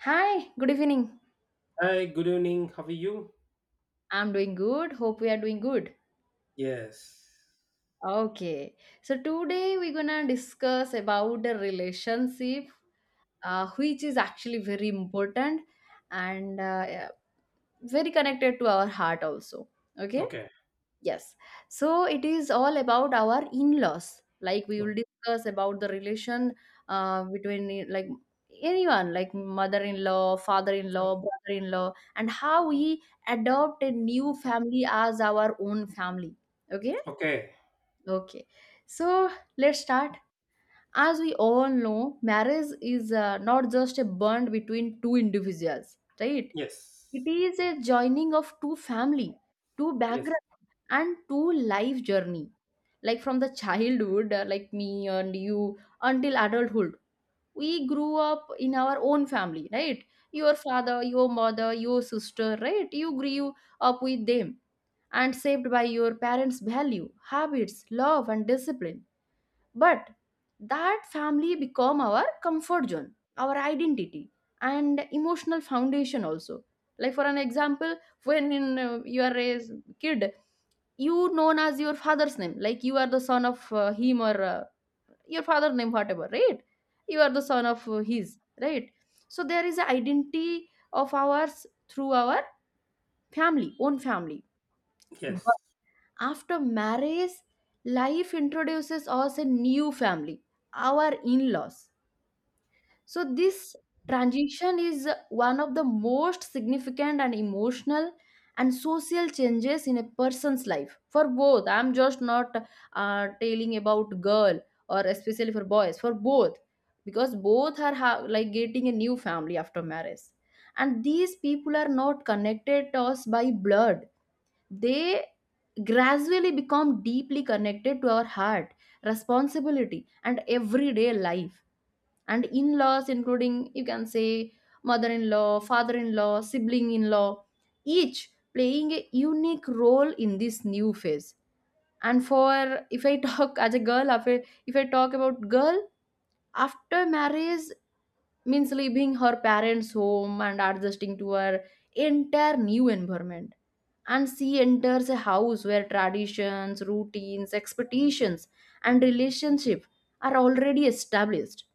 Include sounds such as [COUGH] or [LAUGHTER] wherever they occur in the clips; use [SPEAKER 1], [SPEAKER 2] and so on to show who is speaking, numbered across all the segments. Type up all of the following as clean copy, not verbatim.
[SPEAKER 1] Hi, good evening.
[SPEAKER 2] Hi, good evening. How are you?
[SPEAKER 1] I'm doing good. Hope we are doing good.
[SPEAKER 2] Yes.
[SPEAKER 1] Okay. So today we're gonna discuss about the relationship, which is actually very important and very connected to our heart also. Okay.
[SPEAKER 2] Okay.
[SPEAKER 1] Yes. So it is all about our in-laws. Like we will
[SPEAKER 2] Oh,
[SPEAKER 1] discuss about the relation between anyone, like mother-in-law, father-in-law, brother-in-law, and how we adopt a new family as our own family. Okay.
[SPEAKER 2] okay.
[SPEAKER 1] Okay. So let's start. As we all know, marriage is not just a bond between two individuals, right? It
[SPEAKER 2] Yes.
[SPEAKER 1] is a joining of two family, two
[SPEAKER 2] Yes.
[SPEAKER 1] background, and two life journey like from the childhood like me and you until adulthood. We grew up in our own family, right? Your father, your mother, your sister, right? You grew up with them and saved by your parents value, habits, love, and discipline. But that family become our comfort zone, our identity, and emotional foundation also. Like for an example, when in you are a kid, you known as your father's name. Like you are the son of him or your father name, whatever, right? You are the son of his, right? So there is an identity of ours through our family, own family.
[SPEAKER 2] Yes.
[SPEAKER 1] After marriage, life introduces us a new family, our in laws. So this transition is one of the most significant and emotional and social changes in a person's life for both. I'm just not telling about girl or especially for boys, for both, because both are like getting a new family after marriage. And these people are not connected to us by blood, they gradually become deeply connected to our heart, responsibility, and everyday life. And in-laws, including you can say, mother-in-law, father-in-law, sibling-in-law, each playing a unique role in this new phase. And for if I talk [LAUGHS] as a girl, if I talk about girl after marriage means leaving her parents' home and adjusting to her entire new environment. And she enters a house where traditions, routines, expectations, and relationship are already established.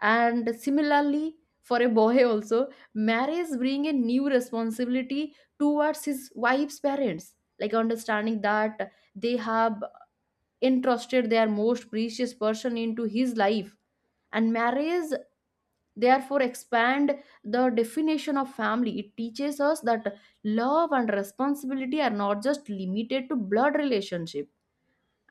[SPEAKER 1] And similarly, for a boy also, marriage bring a new responsibility towards his wife's parents, like understanding that they have entrusted their most precious person into his life. And marriage therefore expand the definition of family. It teaches us that love and responsibility are not just limited to blood relationship.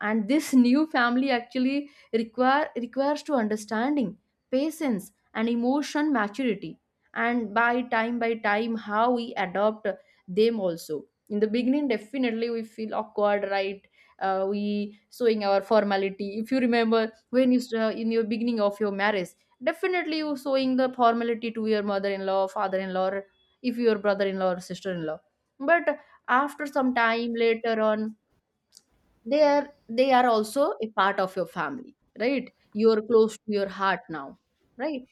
[SPEAKER 1] And this new family actually requires to understanding, patience, and emotion maturity. And by time how we adopt them also. In the beginning, definitely we feel awkward, right? We showing our formality. If you remember when in your beginning of your marriage, definitely you showing the formality to your mother-in-law, father-in-law, or if your brother-in-law or sister-in-law. But after some time, later on, they are also a part of your family, right? You're close to your heart now, right?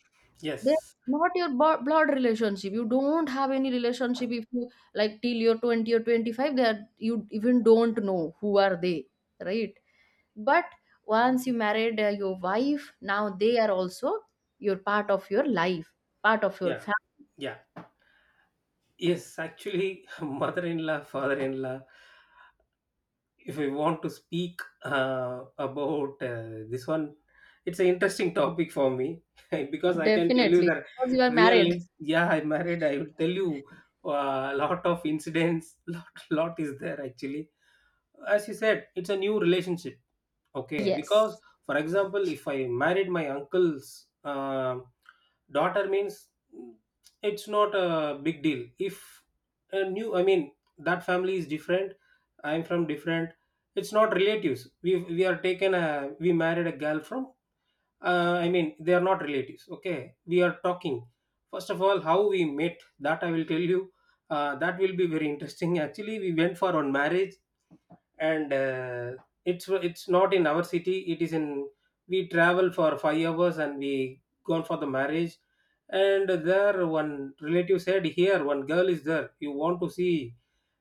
[SPEAKER 1] they're
[SPEAKER 2] Yes.
[SPEAKER 1] not your bo- blood relationship. You don't have any relationship if you like till you're 20 or 25. They are, you even don't know who are they, right? But once you married your wife, now they are also your part of your life, part of your
[SPEAKER 2] Yeah.
[SPEAKER 1] family.
[SPEAKER 2] Yeah. Yes. Actually, [LAUGHS] mother in law, father in law, if we want to speak about this one, it's an interesting topic for me [LAUGHS] because I can tell you
[SPEAKER 1] Definitely
[SPEAKER 2] that
[SPEAKER 1] because you are married.
[SPEAKER 2] yeah, I married, I will tell you a lot of incidents, [LAUGHS] lot, lot is there actually. As you said, it's a new relationship. Okay, because
[SPEAKER 1] Yes.
[SPEAKER 2] for example, if I married my uncle's daughter, means mm, it's not a big deal. If a new, I mean, that family is different. I'm from different. It's not relatives. We are taken a we married a girl from. I mean, they are not relatives. Okay, we are talking. First of all, how we met. That I will tell you. That will be very interesting. Actually, we went for one marriage and it's not in our city, it is in, we travel for 5 hours and we gone for the marriage, and there one relative said here one girl is there, you want to see,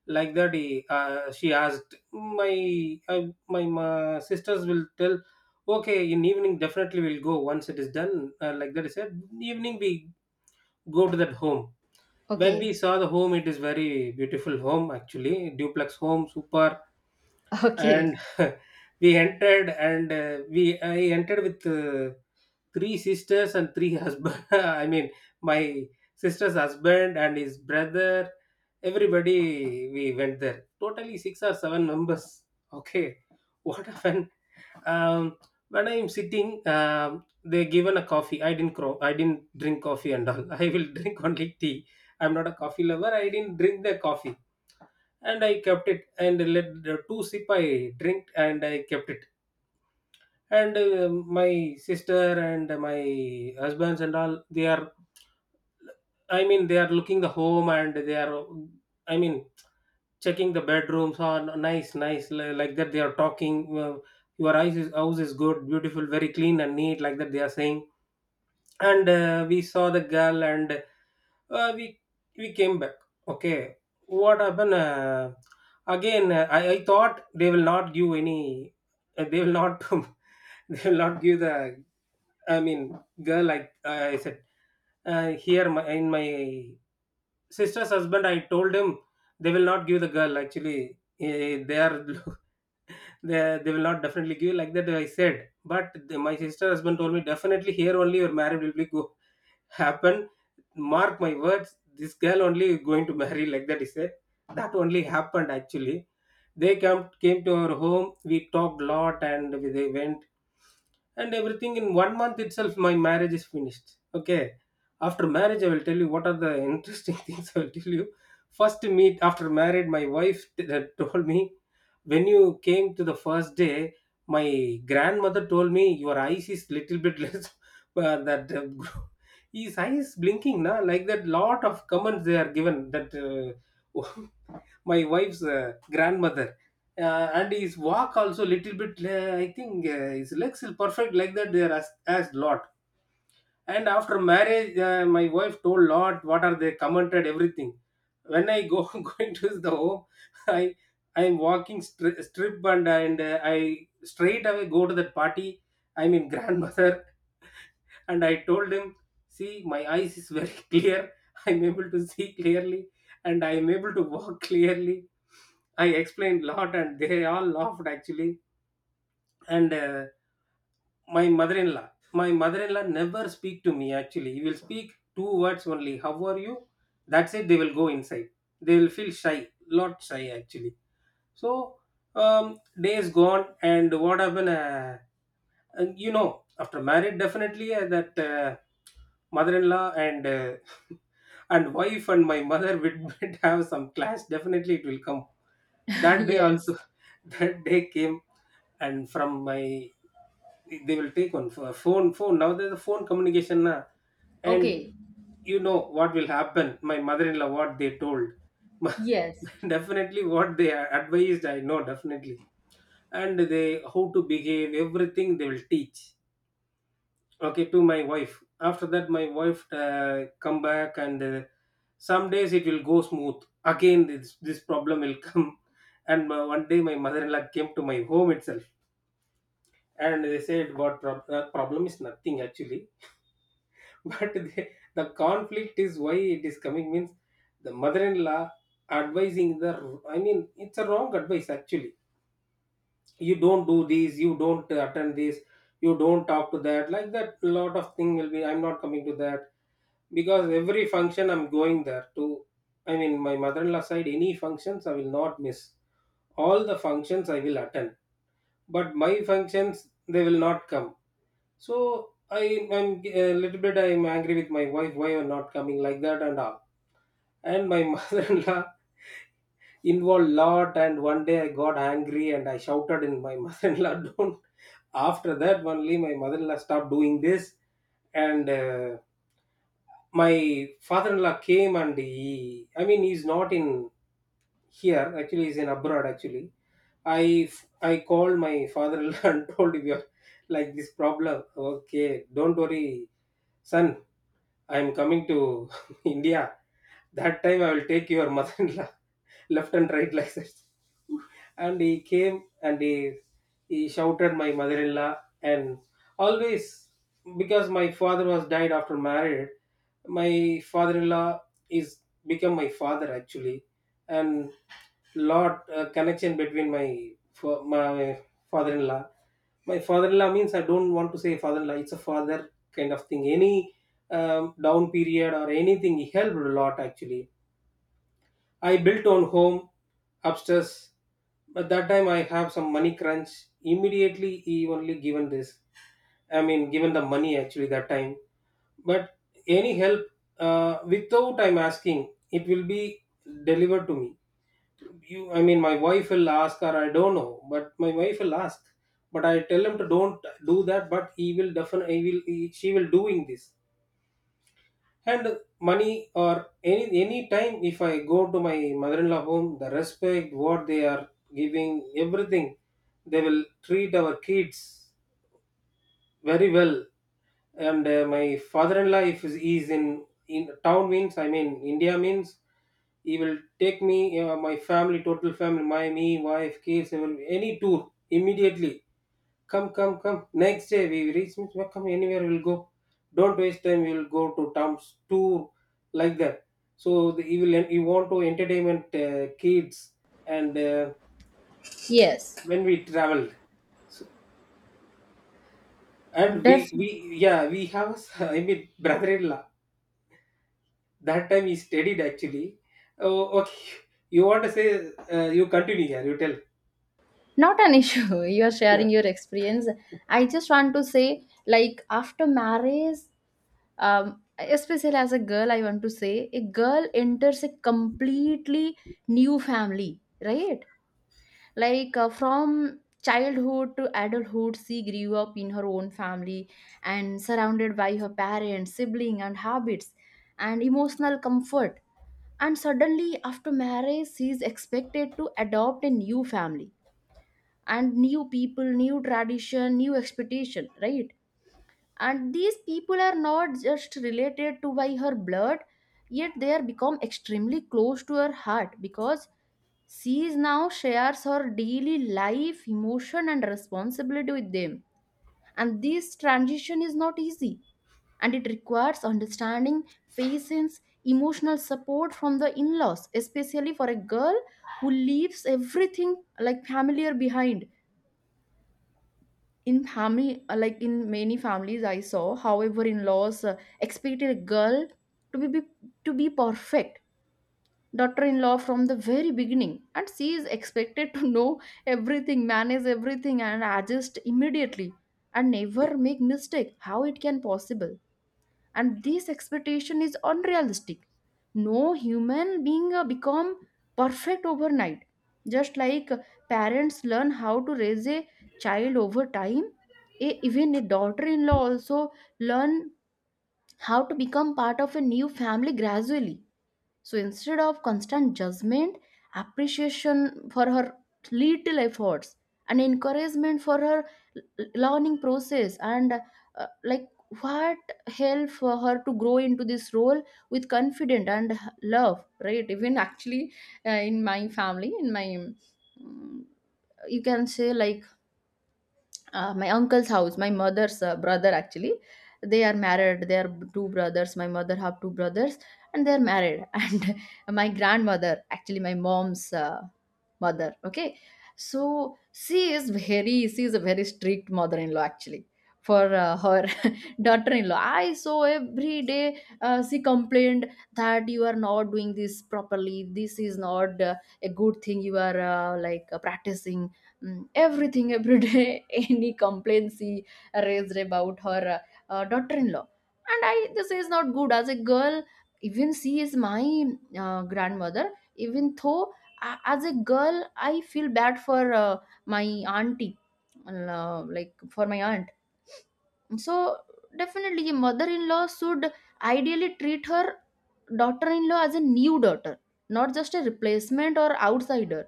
[SPEAKER 2] like that he, she asked my my sisters will tell, okay, in evening definitely we'll go once it is done, like that he said evening we go to that home. When
[SPEAKER 1] Okay.
[SPEAKER 2] we saw the home, it is very beautiful home, actually duplex home, super. And
[SPEAKER 1] Okay.
[SPEAKER 2] [LAUGHS] we entered and we I entered with three sisters and three [LAUGHS] husband, I mean my sister's husband and his brother, everybody, we went there, totally six or seven members. Okay. [LAUGHS] What happened? um, when I'm sitting, they given a coffee. I didn't drink coffee and all. [LAUGHS] I will drink only tea. I'm not a coffee lover. I didn't drink the coffee, and I kept it and let the two sip I drink and I kept it. And my sister and my husbands and all, they are, I mean, they are looking the home and they are, I mean, checking the bedrooms on nice nice, like that they are talking, your house is good, beautiful, very clean and neat, like that they are saying. And we saw the girl, and uh, we we came back. Okay. What happened? Again, I thought they will not give any, they will not, [LAUGHS] they will not give the, I mean, girl, like, I said, here my, in my sister's husband, I told him they will not give the girl actually. Eh, they are, [LAUGHS] they will not definitely give, like that I said. But the, my sister husband told me definitely here only your marriage will be go happen. Mark my words, this girl only going to marry, like that he said. That only happened actually. They come came to our home. We talked lot and we- they went, and everything in one month itself my marriage is finished. Okay. After marriage I will tell you what are the interesting [LAUGHS] things I will tell you. First meet after married my wife told me, when you came to the first day, my grandmother told me your eyes is little bit less, [LAUGHS] that [LAUGHS] his eyes blinking na, like that lot of comments they are given, that [LAUGHS] my wife's grandmother, and his walk also little bit I think his legs is perfect, like that they are as lot. And after marriage my wife told lot what are they commented, everything. When I go [LAUGHS] going to the home, i I am walking strip, and I straight away go to that party, I mean [LAUGHS] grandmother, and I told him, "See, my eyes is very [LAUGHS] clear. I'm able to see clearly, and I am able to walk clearly." I explained a lot, and they all laughed actually. And my mother-in-law never speak to me actually. He will speak two words only. How are you? That's it. They will go inside. They will feel shy, lot shy actually. So days gone, and what happened? And you know after marriage definitely that mother-in-law and [LAUGHS] and wife and my mother would [LAUGHS] would have some clash, definitely it will come.
[SPEAKER 1] [LAUGHS]
[SPEAKER 2] That day
[SPEAKER 1] Yes.
[SPEAKER 2] also, [LAUGHS] that day came. And from my, they will take one for phone now there's a phone communication na, and
[SPEAKER 1] Okay.
[SPEAKER 2] you know what will happen, my mother-in-law, what they told, [LAUGHS]
[SPEAKER 1] Yes.
[SPEAKER 2] definitely what they advised I know definitely, and they how to behave everything they will teach, okay, to my wife. After that my wife come back and some days it will go smooth. Again this problem will come, [LAUGHS] and one day my mother-in-law came to my home itself, and they said what problem is nothing actually. [LAUGHS] But they, the conflict is why it is coming means the mother-in-law advising the, I mean it's a wrong advice actually. You don't do these, you don't attend this, you don't talk to that, like that lot of thing will be. I'm not coming to that because every function I'm going there, to, I mean my mother-in-law side any functions I will not miss, all the functions I will attend. But my functions they will not come. So I am a little bit, I am angry with my wife, why you're not coming, like that and all. And my [LAUGHS] mother-in-law involved lot, and one day I got angry and I shouted in my [LAUGHS] mother-in-law, don't. After that only my mother-in-law stopped doing this. And my father-in-law came and he, I mean he's not in here actually, he's in abroad actually. i I called my father-in-law [LAUGHS] and told him, "We are like this problem." Okay, don't worry son, I'm coming to [LAUGHS] India. That time I will take your mother-in-law [LAUGHS] left and right, like that. And he came and he shouted my mother-in-law. And always, because my father was died after married, my father-in-law is become my father actually, and lot connection between my father-in-law. My father-in-law means, I don't want to say father-in-law, it's a father kind of thing. Any down period or anything helped a lot actually. I built on home upstairs. But that time I have some money crunch. Immediately he only given this, I mean given the money actually that time. But any help without I'm asking, it will be delivered to me. You, I mean, my wife will ask, or I don't know, but my wife will ask. But I tell him to don't do that. But he will definitely, he will, he, she will doing this. And money or any time if I go to my mother-in-law home, the respect what they are giving, everything, they will treat our kids very well. And my father-in-law, if he is in town means, I mean India means, he will take me, my family, total family, my me, wife, kids, he will, any tour immediately. Come, come, come. Next day we reach means, well, come anywhere we'll go. Don't waste time. We'll go to Tom's tour, like that. So the, you will you want to entertainment kids and
[SPEAKER 1] Yes,
[SPEAKER 2] when we traveled. So and we
[SPEAKER 1] def
[SPEAKER 2] we yeah, we have a s- [LAUGHS] I mean brother-in-law, that time he studied actually. Oh okay. You want to say, you continue here? You tell.
[SPEAKER 1] not an issue. [LAUGHS] You are sharing your
[SPEAKER 2] [LAUGHS]
[SPEAKER 1] experience. I just want to say, like after marriage, especially as a girl, I want to say a girl enters a completely new family, right? Like from childhood to adulthood, she grew up in her own family and surrounded by her parents, sibling, and habits and emotional comfort. And suddenly, after marriage, she is expected to adopt a new family and new people, new tradition, new expectation, right? And these people are not just related to by her blood, yet they are become extremely close to her heart because she is now shares her daily life, emotion, and responsibility with them. And this transition is not easy and it requires understanding, patience, emotional support from the in-laws, especially for a girl who leaves everything like familiar behind. In family, like in many families I saw, however in-laws expected a girl to be, be to be perfect daughter-in-law from the very beginning, and she is expected to know everything, manage everything, and adjust immediately and never make mistake. How it can possible? And this expectation is unrealistic. No human being become perfect overnight. Just like parents learn how to raise a child over time, a even a daughter-in-law also learn how to become part of a new family gradually. So instead of constant judgment, appreciation for her little efforts and encouragement for her learning process and like what help for her to grow into this role with confidence and love, right? Even actually in my family, in my um, you can say like my uncle's house, my mother's brother actually, they are married. They are two brothers, my mother have two brothers, and they are married [LAUGHS] and my grandmother actually, my mom's mother, okay, so she is a very strict mother-in-law actually for her [LAUGHS] daughter-in-law. I saw every day she complained that you are not doing this properly, this is not a good thing you are practicing. Mm, everything every day [LAUGHS] any complaint she raised about her daughter-in-law. And i, this is not good. As a girl, even she is my grandmother, even though, as a girl, I feel bad for my auntie, like for my aunt. So definitely a mother-in-law should ideally treat her daughter-in-law as a new daughter, not just a replacement or outsider.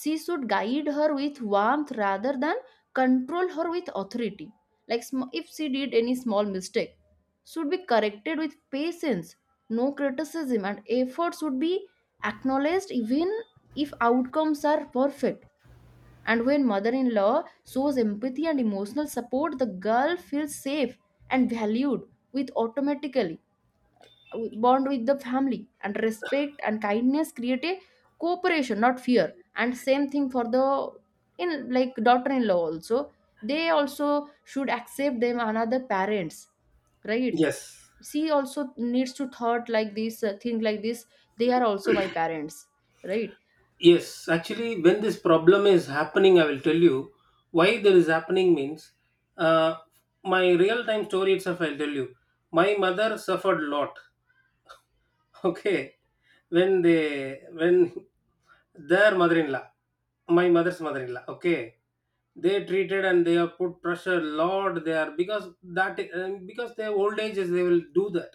[SPEAKER 1] She should guide her with warmth rather than control her with authority. Like if she did any small mistake, should be corrected with patience, no criticism, and effort should be acknowledged even if outcomes are perfect. And when mother-in-law shows empathy and emotional support, the girl feels safe and valued, with automatically bond with the family. And respect and kindness create a cooperation, not fear. And same thing for the in like daughter-in-law also. They also should accept them another parents, right?
[SPEAKER 2] Yes.
[SPEAKER 1] She also needs to thought like this, think like this, they are also my parents, right?
[SPEAKER 2] Yes, actually, when this problem is happening, I will tell you why there is happening means, uh, my real time story itself, I'll tell you. My mother suffered a lot. Okay, when they, when their mother-in-law, my mother's mother-in-law, okay, they treated and they have put pressure lot there, because that because their old age is, they will do that,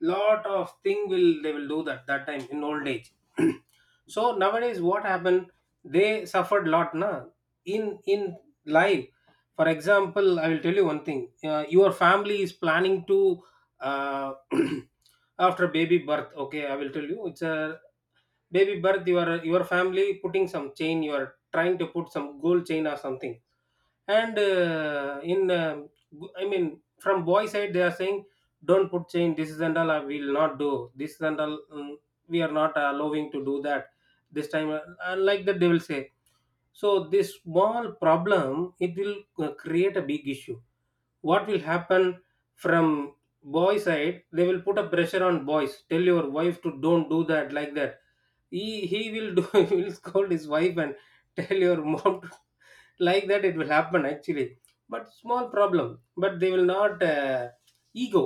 [SPEAKER 2] lot of thing will they will do that, that time in old age. [CLEARS THROAT] So nowadays what happened? They suffered lot na in life. For example, I will tell you one thing. Your family is planning to. Uh, [CLEARS THROAT] after baby birth, okay, I will tell you, it's a baby birth. Your family putting some chain, you are trying to put some gold chain or something, and in g- I mean from boy side they are saying, "Don't put chain, this is and all I will not do, this is and all, we are not allowing to do that this time," and like that they will say. So this small problem, it will create a big issue. What will happen, from boy side they will put a pressure on boys, "Tell your wife to don't do that," like that. He will do, [LAUGHS] he will scold his wife and tell your mom to, like that it will happen actually. But small problem, but they will not, ego,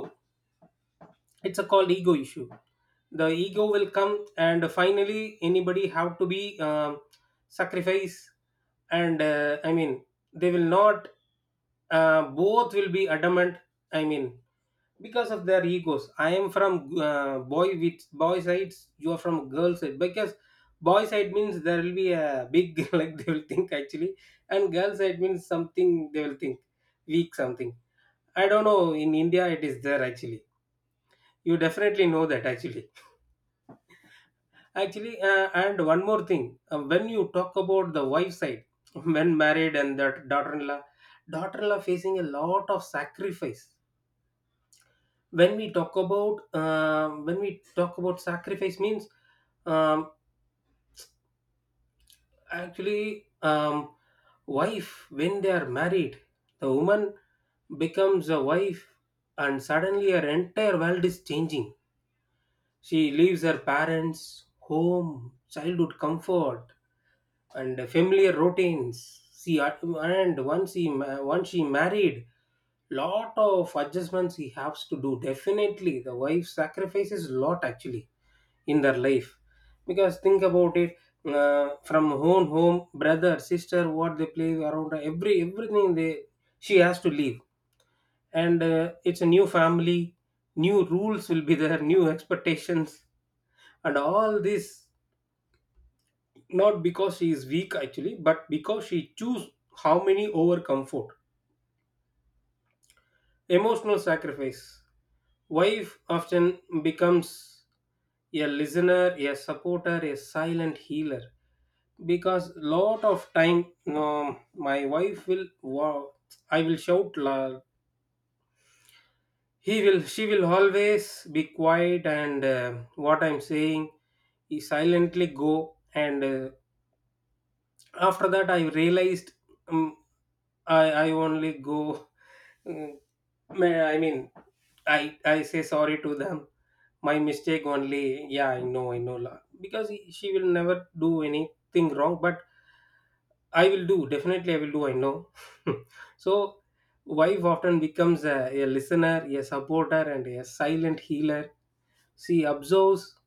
[SPEAKER 2] it's a called ego issue. The ego will come, and finally anybody have to be sacrifice. And they will not, both will be adamant. i mean because of their egos, "I am from boy with boy sides, you are from girl side," because boy side means there will be a big [LAUGHS] like, they will think actually, and girl side means something they will think weak something. I don't know, in India it is there actually, you definitely know that actually. And one more thing, when you talk about the wife side, [LAUGHS] when married and that daughter-in-law, facing a lot of sacrifice. When we talk about, when we talk about sacrifice means, um, actually, wife, when they are married, the woman becomes a wife, and suddenly her entire world is changing. She leaves her parents home, childhood comfort, and familiar routines. And once once she married, lot of adjustments he has to do. Definitely the wife sacrifices lot actually in their life. Because think about it, from home, brother, sister, what they play around, every everything they, she has to leave. And it's a new family, new rules will be there, [LAUGHS] new expectations and all this. Not because she is weak actually, but because she choose, how many, over comfort, emotional sacrifice. Wife often becomes a listener, a supporter, a silent healer. Because lot of time, my wife will, I will shout. He will She will always be quiet, and what I'm saying, he silently go, and after that I realized, um, I only go. Mm, I mean, I say sorry to them. My mistake only. Yeah, I know, I know. Because she will never do anything wrong, but I will do definitely. I will do. I know. [LAUGHS] So, wife often becomes a listener, a supporter, and a silent healer. She observes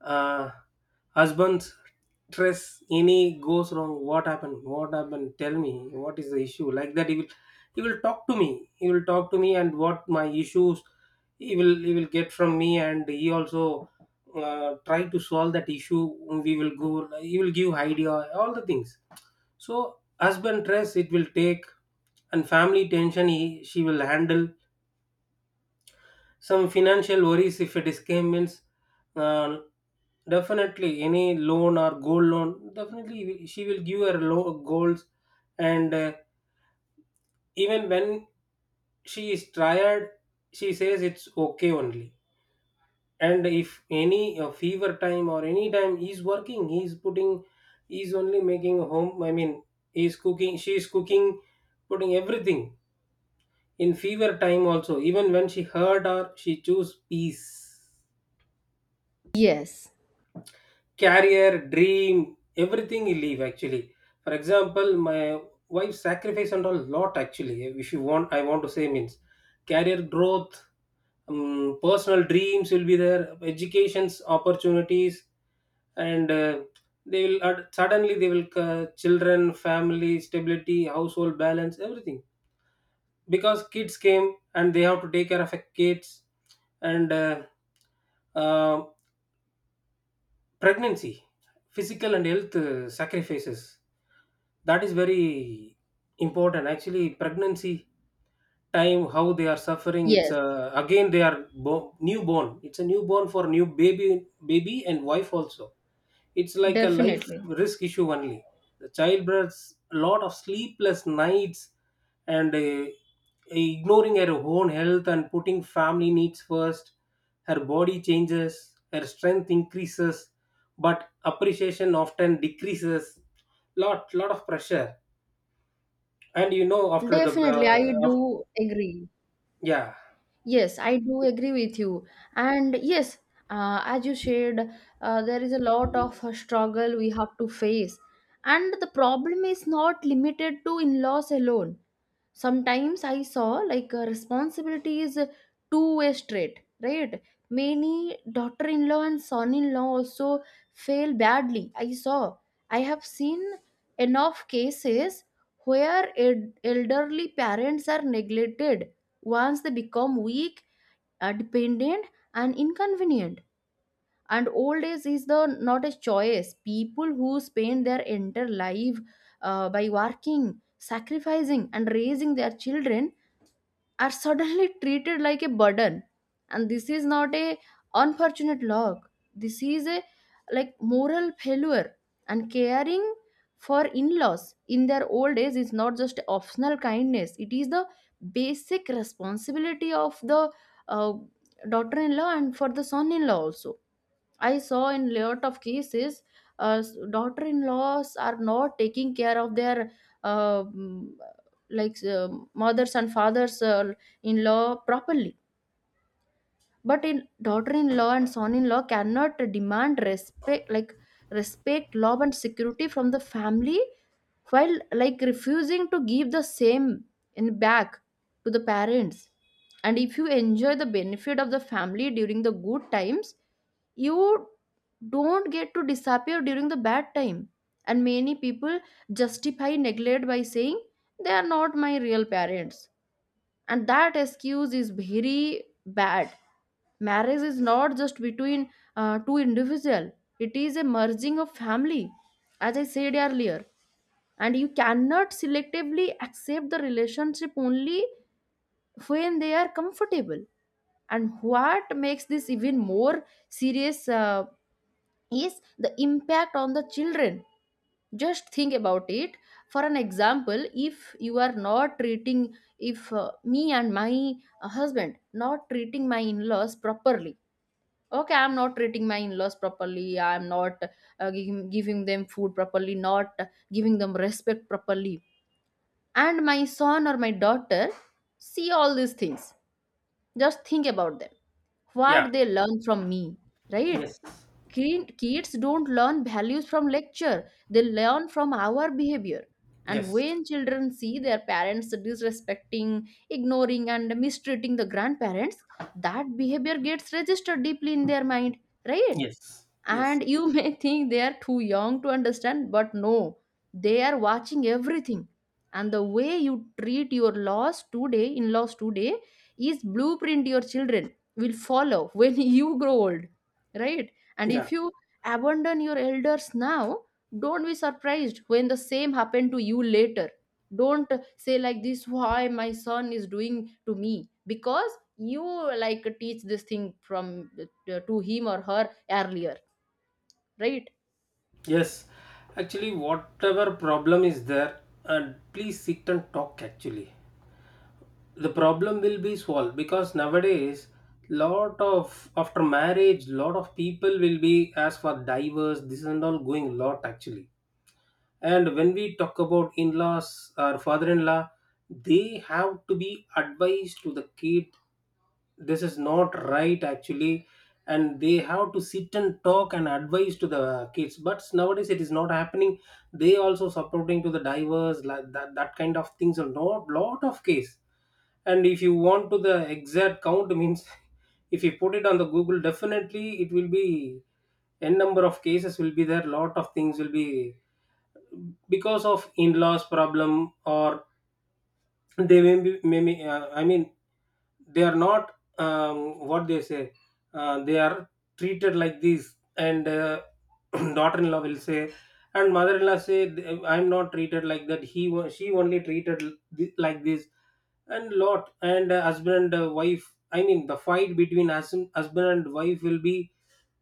[SPEAKER 2] uh, husband's stress. Any goes wrong, "What happened? What happened? Tell me. What is the issue?" Like that, he will talk to me, and what my issues he will, he will get from me, and he also try to solve that issue. We will go, he will give idea, all the things. So husband stress it will take, and family tension she will handle. Some financial worries if it is came means, uh, definitely any loan or gold loan, definitely she will give her goals. And even when she is tired, she says it's okay only. And if any fever time or any time he's working, he's putting, he's only making home. I mean, he's cooking, she's cooking, putting everything in fever time also. Even when she hurt or she choose peace,
[SPEAKER 1] Yes.
[SPEAKER 2] career, dream, everything he leave actually. For example, my wife sacrifice and a lot actually. If you want, I want to say means, career growth, personal dreams will be there, education's opportunities, and they will add, suddenly they will, children, family stability, household balance, everything. Because kids came and they have to take care of a kids. And um, pregnancy, physical and health sacrifices, that is very important actually. Pregnancy time, how they are suffering, it's
[SPEAKER 1] Yes,
[SPEAKER 2] again they are newborn, it's a newborn for new baby, baby and wife also. It's like a life
[SPEAKER 1] definitely.
[SPEAKER 2] risk issue only. The childbirths, a lot of sleepless nights, and ignoring her own health and putting family needs first. Her body changes, her strength increases, but appreciation often decreases. Lot, lot of pressure. And you know, after the
[SPEAKER 1] Definitely I
[SPEAKER 2] uh, of,
[SPEAKER 1] do agree.
[SPEAKER 2] yeah.
[SPEAKER 1] Yes, I do agree with you. And yes, as you shared, there is a lot of struggle we have to face. And the problem is not limited to in laws alone. Sometimes I saw like a responsibility is a two-way street, right? Many daughter-in-law and son-in-law also fail badly, I saw. I have seen enough cases where elderly parents are neglected once they become weak, dependent, and inconvenient. And old age is the not a choice. People who spend their entire life by working, sacrificing, and raising their children are suddenly treated like a burden. And this is not a unfortunate luck, this is a like moral failure. And caring for in-laws in their old age is not just optional kindness, it is the basic responsibility of the uh, daughter-in-law and for the son-in-law also. I saw in lot of cases, uh, daughter-in-laws are not taking care of their uh, mm, like mothers and fathers-in-law properly. But in daughter-in-law and son-in-law cannot demand respect like respect, love, and security from the family while like refusing to give the same in back to the parents. And if you enjoy the benefit of the family during the good times, you don't get to disappear during the bad time. And many people justify neglect by saying they are not my real parents, and that excuse is very bad. Marriage is not just between two individual, it is a merging of family, as I said earlier. And you cannot selectively accept the relationship only when they are comfortable. And what makes this even more serious is the impact on the children. Just think about it. For an example, if you are not treating, if me and my husband not treating my in-laws properly, okay, I'm not treating my in-laws properly, I'm not uh, giving them food properly, not giving them respect properly, and my son or my daughter see all these things. Just think about them,
[SPEAKER 2] yeah
[SPEAKER 1] what they learn from me, right?
[SPEAKER 2] yes.
[SPEAKER 1] Kids don't learn values from lecture. They learn from our behavior. And
[SPEAKER 2] yes
[SPEAKER 1] when children see their parents disrespecting, ignoring, and mistreating the grandparents, that behavior gets registered deeply in their mind, right?
[SPEAKER 2] yes yes
[SPEAKER 1] And you [LAUGHS] may think they are too young to understand, but no, they are watching everything. And the way you treat your laws today, in laws today, is blueprint your children will follow when [LAUGHS] you grow old, right? And
[SPEAKER 2] yeah.
[SPEAKER 1] if you abandon your elders now, don't be surprised when the same happen to you later. Don't say like this, why my son is doing to me, because you like teach this thing from to him or her earlier, right?
[SPEAKER 2] Yes, actually, whatever problem is there, and please sit and talk. Actually, the problem will be solved, because nowadays, lot of after marriage, lot of people will be as for divorce, this and all going lot actually. And when we talk about in laws or father in law, they have to be advised to the kid, this is not right actually. And they have to sit and talk and advise to the kids, but nowadays it is not happening. They also supporting to the divers like that, that kind of things, a lot, lot of case. And if you want to the exact count means, [LAUGHS] if you put it on the Google, definitely it will be n number of cases will be there, lot of things will be because of in-laws problem. Or they may be, they are not, what they say, they are treated like this. And [CLEARS THROAT] daughter-in-law will say, and mother-in-law say, "I'm not treated like that, she only treated like this." And lot, and husband and wife, I mean the fight between husband and wife will be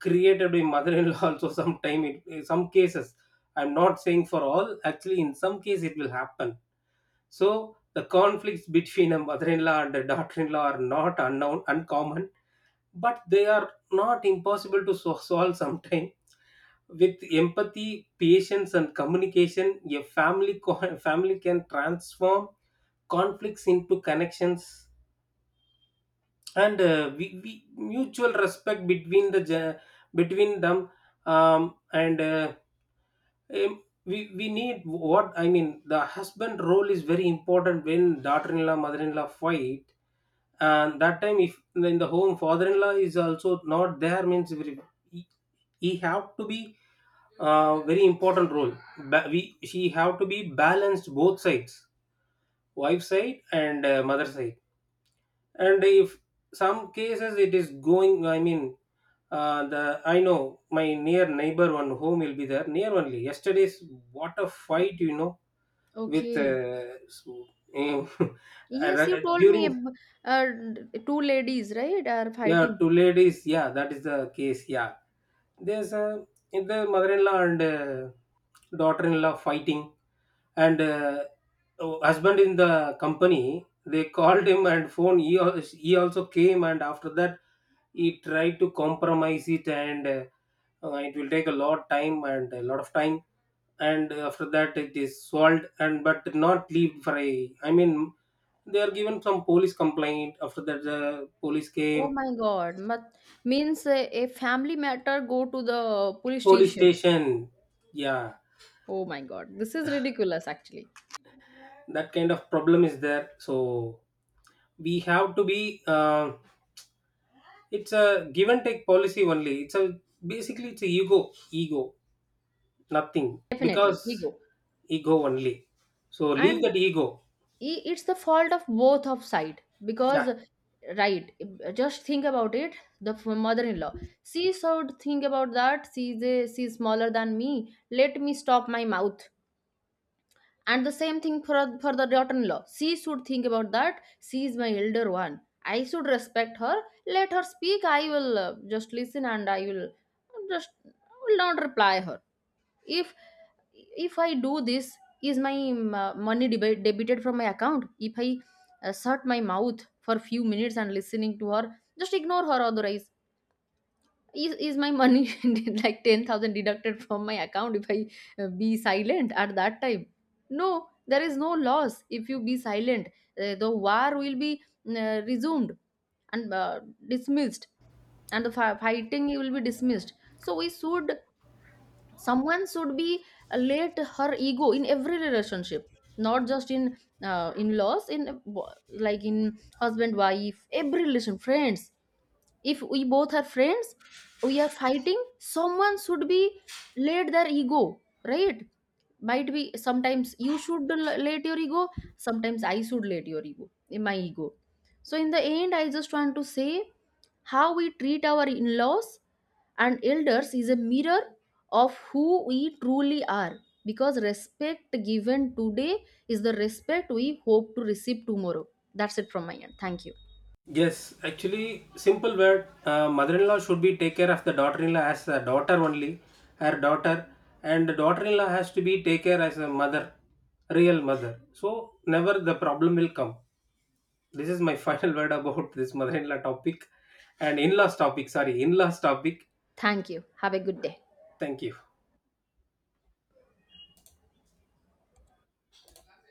[SPEAKER 2] created by mother-in-law, [LAUGHS] also sometime in some cases. I'm not saying for all actually, in some case it will happen. So the conflicts between a mother-in-law and a daughter-in-law are not unknown, uncommon, but they are not impossible to solve sometime. With empathy, patience, and communication, a family [LAUGHS] family can transform conflicts into connections, and we mutual respect between the between them, um, and uh, we need, what I mean. The husband role is very important when daughter-in-law, mother-in-law fight. And that time if in the home father-in-law is also not there means, very-, he, he have to be very important role. We, she have to be balanced both sides, wife side and mother side. And if some cases it is going, the, I know my near neighbor, one home will be there near only, yesterday's, what a fight, you know, with
[SPEAKER 1] Okay. Yes, you
[SPEAKER 2] [LAUGHS]
[SPEAKER 1] told me
[SPEAKER 2] during.
[SPEAKER 1] ab- uh, two ladies, right, are
[SPEAKER 2] Yeah,
[SPEAKER 1] fighting.
[SPEAKER 2] two ladies. Yeah, that is the case. Yeah, there's a, in the mother-in-law and daughter-in-law fighting, and oh, husband in the company. They called him and phone. He he also came, and after that he tried to compromise it, and it will take a lot time and a lot of time. And after that, it is solved, and but not leave for a. I mean, they are given some police complaint. After that, the police
[SPEAKER 1] Oh
[SPEAKER 2] came,
[SPEAKER 1] my God. Means a family matter go to the police
[SPEAKER 2] police
[SPEAKER 1] station.
[SPEAKER 2] station, yeah.
[SPEAKER 1] Oh my God. This is ridiculous, actually.
[SPEAKER 2] That kind of problem is there. So we have to be, it's a give and take policy only, it's a basically it's a ego, nothing.
[SPEAKER 1] Definitely,
[SPEAKER 2] Because
[SPEAKER 1] ego.
[SPEAKER 2] ego only, so leave
[SPEAKER 1] And
[SPEAKER 2] that ego.
[SPEAKER 1] it's the fault of both of side
[SPEAKER 2] Yeah.
[SPEAKER 1] because, right, just think about it. The mother-in-law, she should think about that. She's, a, she's smaller than me. Let me stop my mouth. And the same thing for the daughter-in-law, she should think about that, she is my elder one. I should respect her, let her speak. I will just listen and I will just will not reply her. if if I do this, is my money debited from my account? If I shut my mouth for few minutes and listening to her, just ignore her, otherwise, is my money [LAUGHS] like 10,000 deducted from my account? If I be silent at that time, no, there is no loss if you be silent. The war will be resumed and dismissed, and the fighting will be dismissed. So we should, someone should be let her ego in every relationship, not just in laws, in uh, like in husband wife, every relation, friends. If we both are friends, we are fighting, someone should be let their ego, right? Might be sometimes you should let your ego, sometimes I should let your ego in my ego. So in the end, I just want to say, how we treat our in-laws and elders is a mirror of who we truly are, because respect given today is the respect we hope to receive tomorrow. That's it from my end. Thank you.
[SPEAKER 2] Yes, actually, simple word, mother-in-law should be take care of the daughter-in-law as a daughter only, her daughter. And the daughter-in-law has to be take care as a mother, real mother. So never the problem will come. This is my [LAUGHS] final word about this mother-in-law topic and in-laws topic, sorry, in-laws topic.
[SPEAKER 1] Thank you, have a good day.
[SPEAKER 2] Thank you.